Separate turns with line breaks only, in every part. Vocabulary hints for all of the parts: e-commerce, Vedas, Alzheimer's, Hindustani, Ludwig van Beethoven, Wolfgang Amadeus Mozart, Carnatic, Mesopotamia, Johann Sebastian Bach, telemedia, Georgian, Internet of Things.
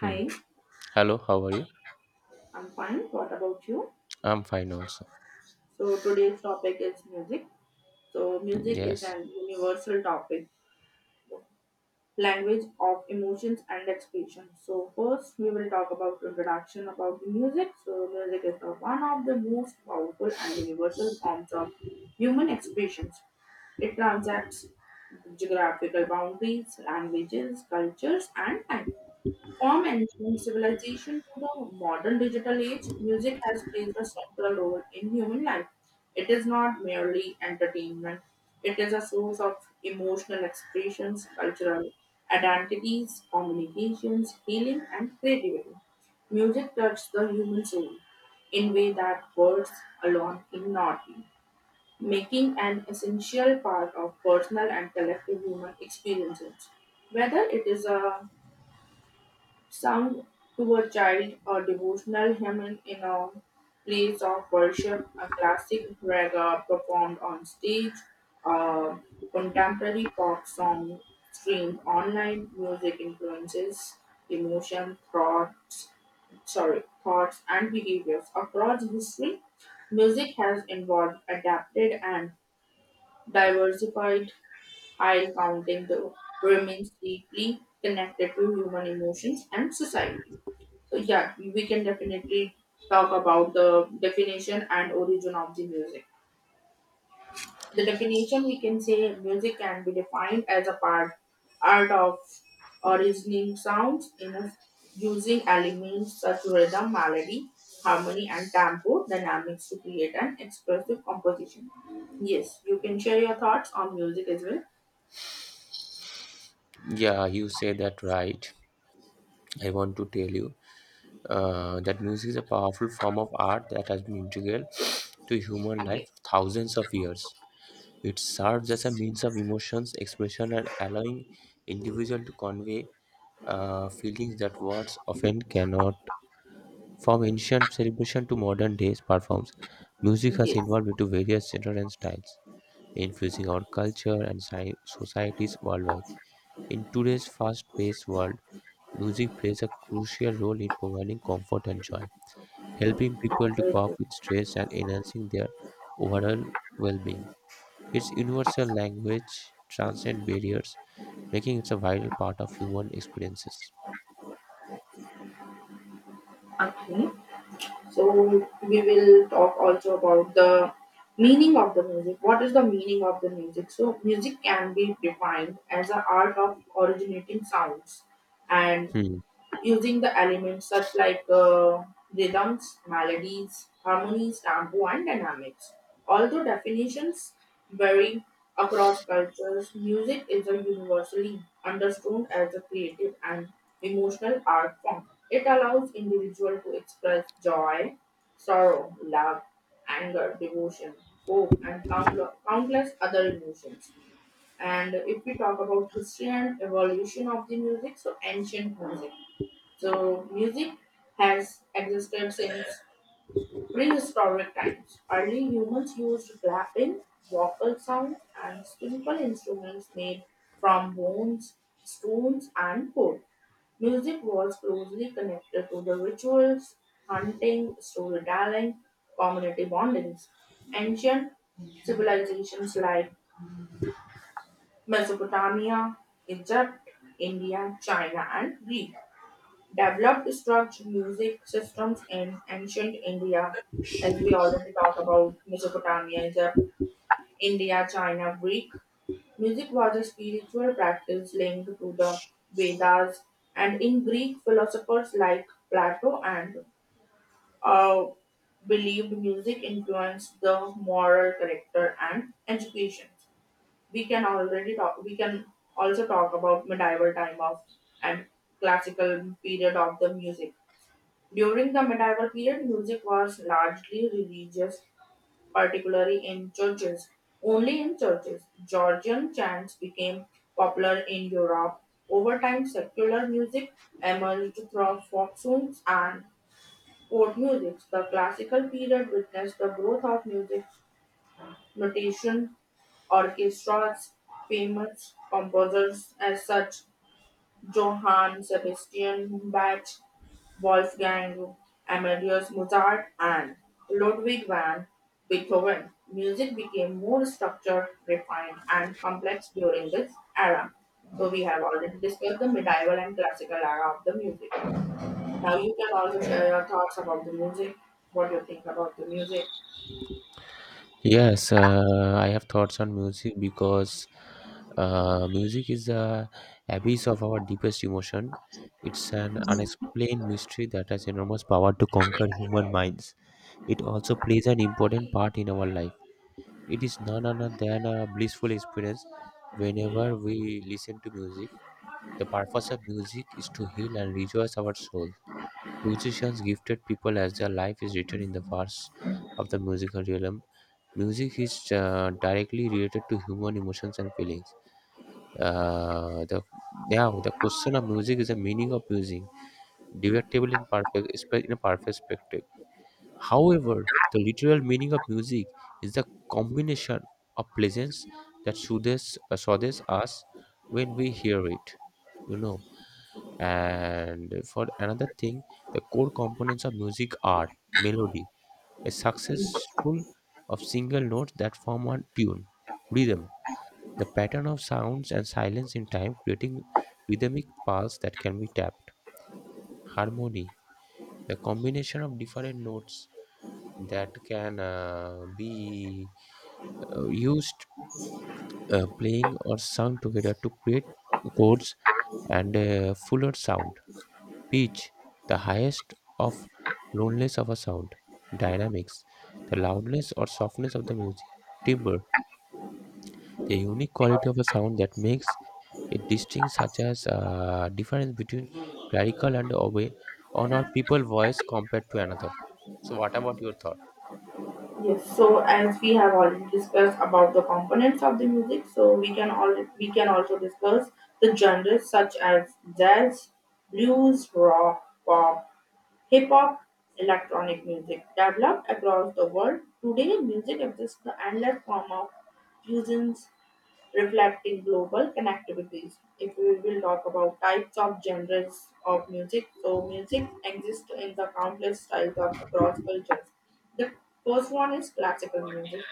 Hmm.
Hi,
Hello, how are you?
I'm fine. What about you?
I'm fine also.
So today's topic is music. So music is
Yes.
an universal topic, language of emotions and expression. So first we will talk about introduction about the music. So music is the one of the most powerful and universal forms of human expressions. It transacts geographical boundaries, languages, cultures, and time. From ancient civilization to the modern digital age, music has played a central role in human life. It is not merely entertainment, it is a source of emotional expressions, cultural identities, communications, healing, and creativity. Music touches the human soul in way that words alone cannot, making an essential part of personal and collective human experiences. Whether it is a sung to a child, a devotional hymn in a place of worship, a classic raga performed on stage, a contemporary pop song streamed online. Music influences emotion, thoughts, sorry, thoughts and behaviors across history. Music has involved, adapted, and diversified, high counting the remains deeply connected to human emotions and society. So yeah, we can definitely talk about the definition and origin of the music. The definition we can say music can be defined as a part art of originating sounds in a, using elements such rhythm, melody, harmony, and tempo dynamics to create an expressive composition. Yes, you can share your thoughts on music as well.
Yeah, you said that right. I want to tell you that music is a powerful form of art that has been integral to human
Yes.
life for thousands of years. It serves as a means of emotions, expression, and allowing individual to convey feelings that words often cannot. From ancient celebration to modern days performs, music has
Yes.
evolved into various genres and styles influencing our culture and societies worldwide. In today's fast paced world, music plays a crucial role in providing comfort and joy, helping people to cope with stress and enhancing their overall well being. Its universal language transcends barriers, making it a vital part of human experiences.
Okay. So we will talk also about the meaning of the music. What is the meaning of the music? So music can be defined as an art of originating sounds and
Hmm.
using the elements such like rhythms, melodies, harmonies, tempo, and dynamics. Although definitions vary across cultures, music is a universally understood as a creative and emotional art form. It allows individuals to express joy, sorrow, love, anger, devotion, hope, and countless other emotions. And if we talk about history and evolution of the music, so ancient music, so music has existed since prehistoric times. Early humans used clapping, vocal sounds, and simple instruments made from bones, stones, and wood. Music was closely connected to the rituals, hunting, storytelling, community bondings. Ancient civilizations like Mesopotamia, Egypt, India, China, and Greek developed structured music systems in ancient India, as we already talk about Mesopotamia, Egypt, India, China, Greek. Music was a spiritual practice linked to the Vedas, and in Greek, philosophers like Plato and uh, believed music influenced the moral character and education. We can already talk. We can also talk about medieval time of and classical period of the music during the medieval period, music was largely religious, particularly in churches. Only in churches, Georgian chants became popular in Europe. Over time, secular music emerged through folk songs and court music. The classical period witnessed the growth of music, notation, orchestras, famous composers as such Johann Sebastian Bach, Wolfgang Amadeus Mozart, and Ludwig van Beethoven. Music became more structured, refined, and complex during this era. So we have already discussed the medieval and classical era of the music. Now you can also share your thoughts about the music, what you think about the music.
Yes, I have thoughts on music because music is the abyss of our deepest emotion. It's an unexplained mystery that has enormous power to conquer human minds. It also plays an important part in our life. It is none other than a blissful experience whenever we listen to music. The purpose of music is to heal and rejoice our soul. Musicians gifted people as their life is written in the verse of the musical realm. Music is directly related to human emotions and feelings. The Now the question of music is the meaning of music, debatable in in a perfect perspective. However, the literal meaning of music is the combination of pleasance that soothes us when we hear it. You know, and for another thing, the core components of music are melody, a successful of single notes that form a tune. Rhythm. The pattern of sounds and silence in time creating rhythmic pulse that can be tapped. Harmony. The combination of different notes that can be used playing or sung together to create chords and a fuller sound. Pitch, the highest of loneliness of a sound. Dynamics, the loudness or softness of the music. Timbre, the unique quality of a sound that makes it distinct, such as difference between clerical and away on our people voice compared to another. So, what about your thought?
Yes, so as we have already discussed about the components of the music, so we can all we can also discuss the genres such as jazz, blues, rock, pop, hip hop, electronic music developed across the world. Today, music exists the endless form of fusions reflecting global connectivities. If we will talk about types of genres of music, so music exists in the countless styles of across cultures. The first one is classical music.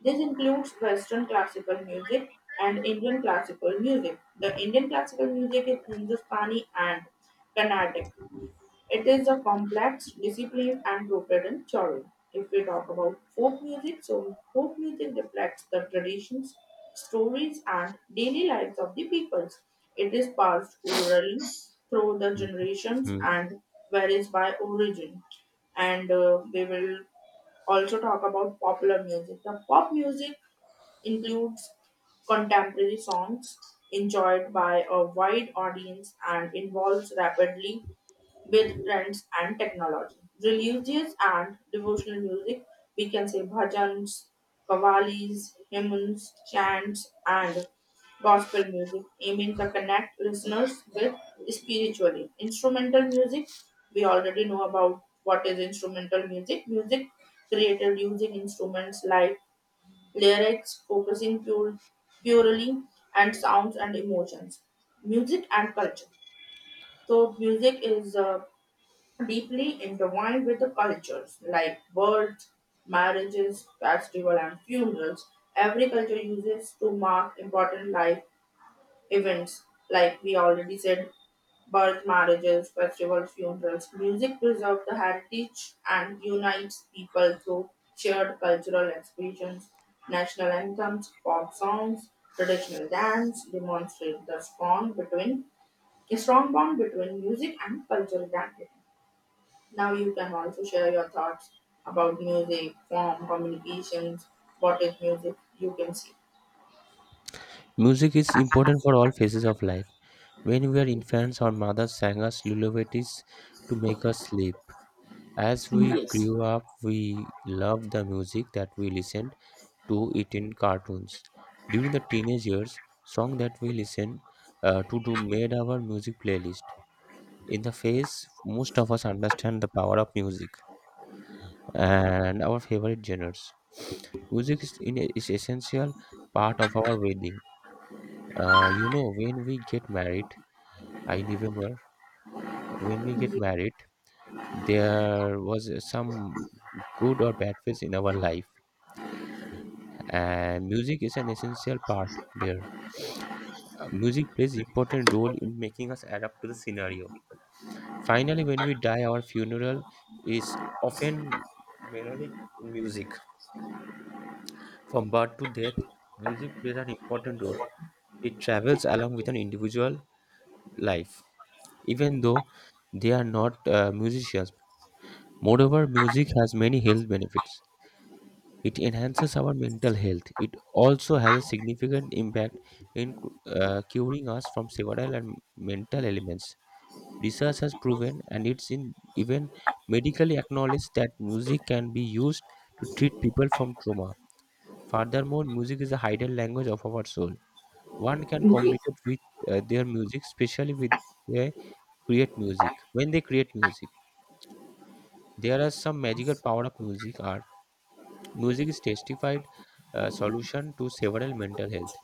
This includes Western classical music and Indian classical music. The Indian classical music is Hindustani and Carnatic. It is a complex, disciplined, and rooted in childhood. If we talk about folk music, so folk music reflects the traditions, stories, and daily lives of the peoples. It is passed orally through the generations
Mhm.
and varies by origin. And we will also talk about popular music. The pop music includes contemporary songs enjoyed by a wide audience and involves rapidly with trends and technology. Religious and devotional music, we can say bhajans, kavalis, hymns, chants, and gospel music, aiming to connect listeners with spiritually. Instrumental music, we already know about what is instrumental music. Music created using instruments like lyrics, focusing pure, purely and sounds and emotions. Music and culture. So music is deeply intertwined with the cultures, like births, marriages, festivals, and funerals. Every culture uses to mark important life events, like we already said, birth, marriages, festivals, funerals. Music preserves the heritage and unites people through shared cultural expressions. National anthems, pop songs, traditional dance demonstrate the strong between a strong bond between music and cultural identity. Now you can also share your thoughts about music, form, communications, what is music, you can see.
Music is important for all phases of life. When we were infants, our mothers sang us lullabies to make us sleep. As we grew up, we loved the music that we listened to it in cartoons. During the teenage years, songs that we listened to do made our music playlist. In the phase, most of us understand the power of music and our favorite genres. Music is essential part of our wedding. When we get married, I remember when we get married, there was some good or bad phase in our life, and music is an essential part there. Music plays important role in making us adapt to the scenario. Finally, when we die, our funeral is often melodic in music. From birth to death, music plays an important role. It travels along with an individual life, even though they are not musicians. Moreover, music has many health benefits. It enhances our mental health. It also has a significant impact in curing us from several and mental ailments. Research has proven, and it's in even medically acknowledged, that music can be used to treat people from trauma. Furthermore, music is a hidden language of our soul. One can communicate with their music, especially with they create music. When they create music, there are some magical power of music. Art. Music is testified solution to several mental health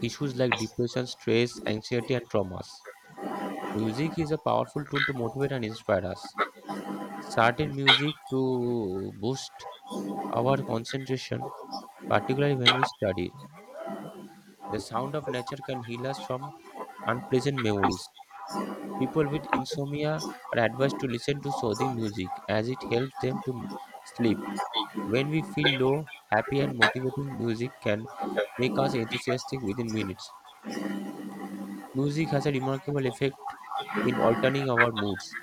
issues like depression, stress, anxiety, and traumas. Music is a powerful tool to motivate and inspire us. Certain music to boost our concentration, particularly when we study. The sound of nature can heal us from unpleasant memories. People with insomnia are advised to listen to soothing music as it helps them to sleep. When we feel low, happy and motivating music can make us enthusiastic within minutes. Music has a remarkable effect in altering our moods.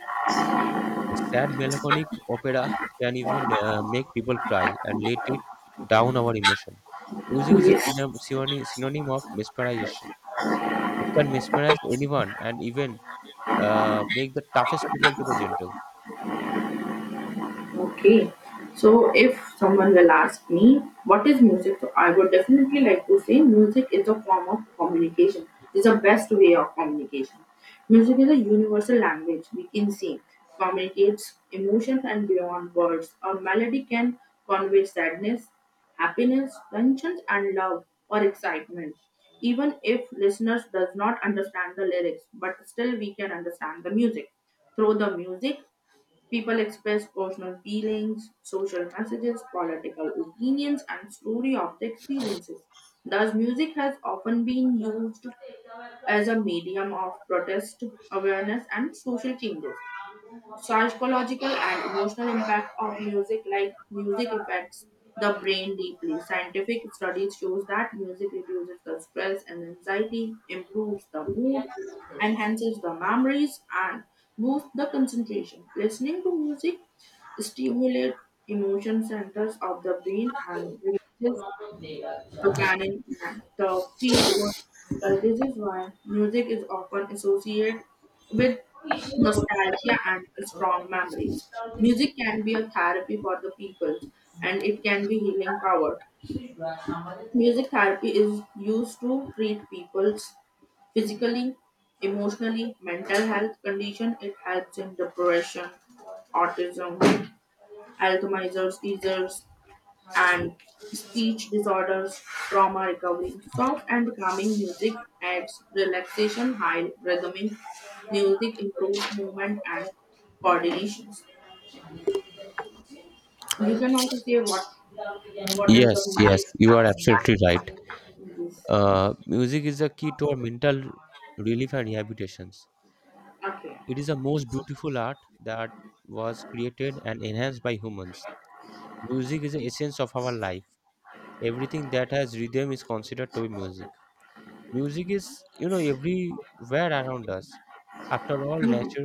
A sad, melancholic opera can even make people cry and let it down our emotion. Music is a synonym,
Yes.
synonym synonym of mesmerization. It can mesmerize anyone and even make the toughest people to the gentle.
Okay. So if someone will ask me what is music, so I would definitely like to say music is a form of communication. It's the best way of communication. Music is a universal language, we can see. Communicates emotions and beyond words. A melody can convey sadness, happiness, tensions and love or excitement. Even if listeners does not understand the lyrics, but still we can understand the music. Through the music, people express personal feelings, social messages, political opinions, and story of the experiences. Thus, music has often been used as a medium of protest, awareness, and social changes psychological and emotional impact of music like music affects the brain deeply. Scientific studies shows that music reduces the stress and anxiety, improves the mood, enhances the memories, and boosts the concentration. Listening to music stimulates emotion centers of the brain and releases companion and the feel-good musical. This is why music is often associated with nostalgia and strong memories. Music can be a therapy for the people and it can be healing power. Music therapy is used to treat people's physically, emotionally, mental health condition. It helps in depression, autism, Alzheimer's disease, and speech disorders, trauma recovery. Soft and calming music adds relaxation, high rhythmic music improves movement and coordination. You can also say what is
Yes, yes,
the
you are absolutely right.
music. Yes.
Music is a key to our mental relief and rehabilitations.
Okay.
It is the most beautiful art that was created and enhanced by humans. Music is the essence of our life. Everything that has rhythm is considered to be music. Music is, you know, everywhere around us. After all,
Yes.
nature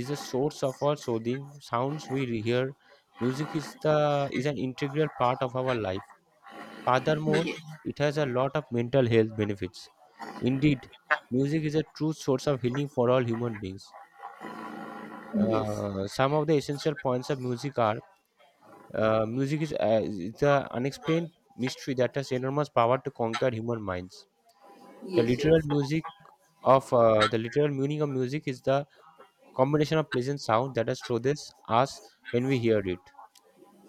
is the source of all soothing sounds we hear. Music is an integral part of our life. Furthermore,
Yes.
it has a lot of mental health benefits. Indeed, music is a true source of healing for all human beings. Some of the essential points of music are music is the unexplained mystery that has enormous power to conquer human minds. The
Yes.
literal
Yes.
music the literal meaning of music is the combination of pleasant sound that astonishes us when we hear it.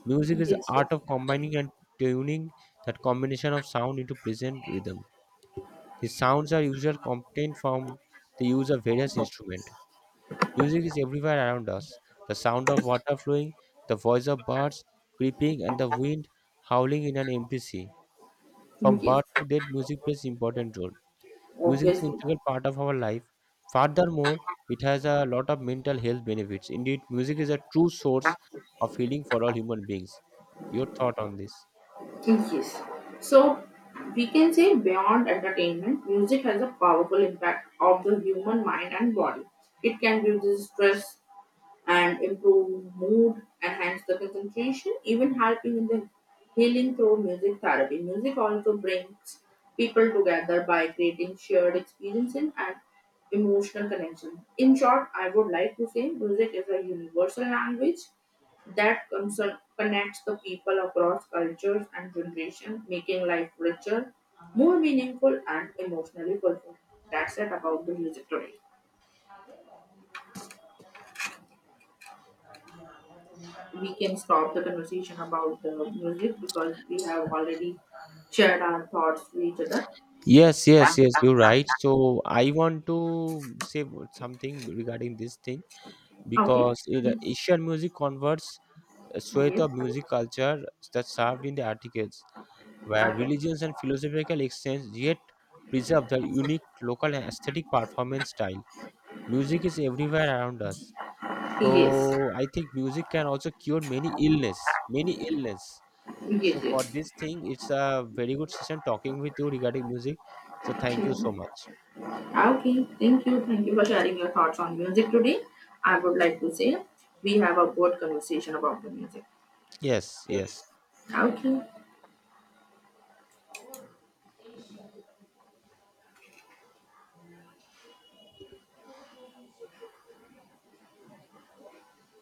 Music is the
Yes.
art of combining and tuning that combination of sound into pleasant rhythm. The sounds are usually obtained from the use of various instruments. Music is everywhere around us. The sound of water flowing, the voice of birds creeping, and the wind howling in an empty sea. From
Yes.
birth
Yes.
to death, music plays important role. Music is an
Obviously.
integral part of our life. Furthermore, it has a lot of mental health benefits. Indeed, music is a true source of healing for all human beings. Your thought on this?
Yes. So we can say beyond entertainment, music has a powerful impact of the human mind and body. It can reduce stress and improve mood, enhance the concentration, even helping in the healing through music therapy. Music also brings people together by creating shared experiences and emotional connection. In short, I would like to say music is a universal language that concern connects the people across cultures and generations, making life richer, more meaningful, and emotionally fulfilling. That's it about the music today. We can stop the conversation about the music because we have already shared our thoughts with each other.
Yes, yes, yes, you're right. So I want to say something regarding this thing
Okay.
because in the
Yes.
Asian music converts a swathe
Yes.
of music culture that served in the articles, where
Okay.
religions and philosophical exchange yet preserve the unique local and aesthetic performance style. Music is everywhere around us.
Yes.
So I think music can also cure many illness, many illness.
Yes.
So for
Yes.
this thing, it's a very good session talking with you regarding music. So thank you so
Okay.
much.
Okay. Thank you. Thank you for sharing your thoughts on music today. I would like to say we have a good conversation about the music.
Yes, yes.
Okay.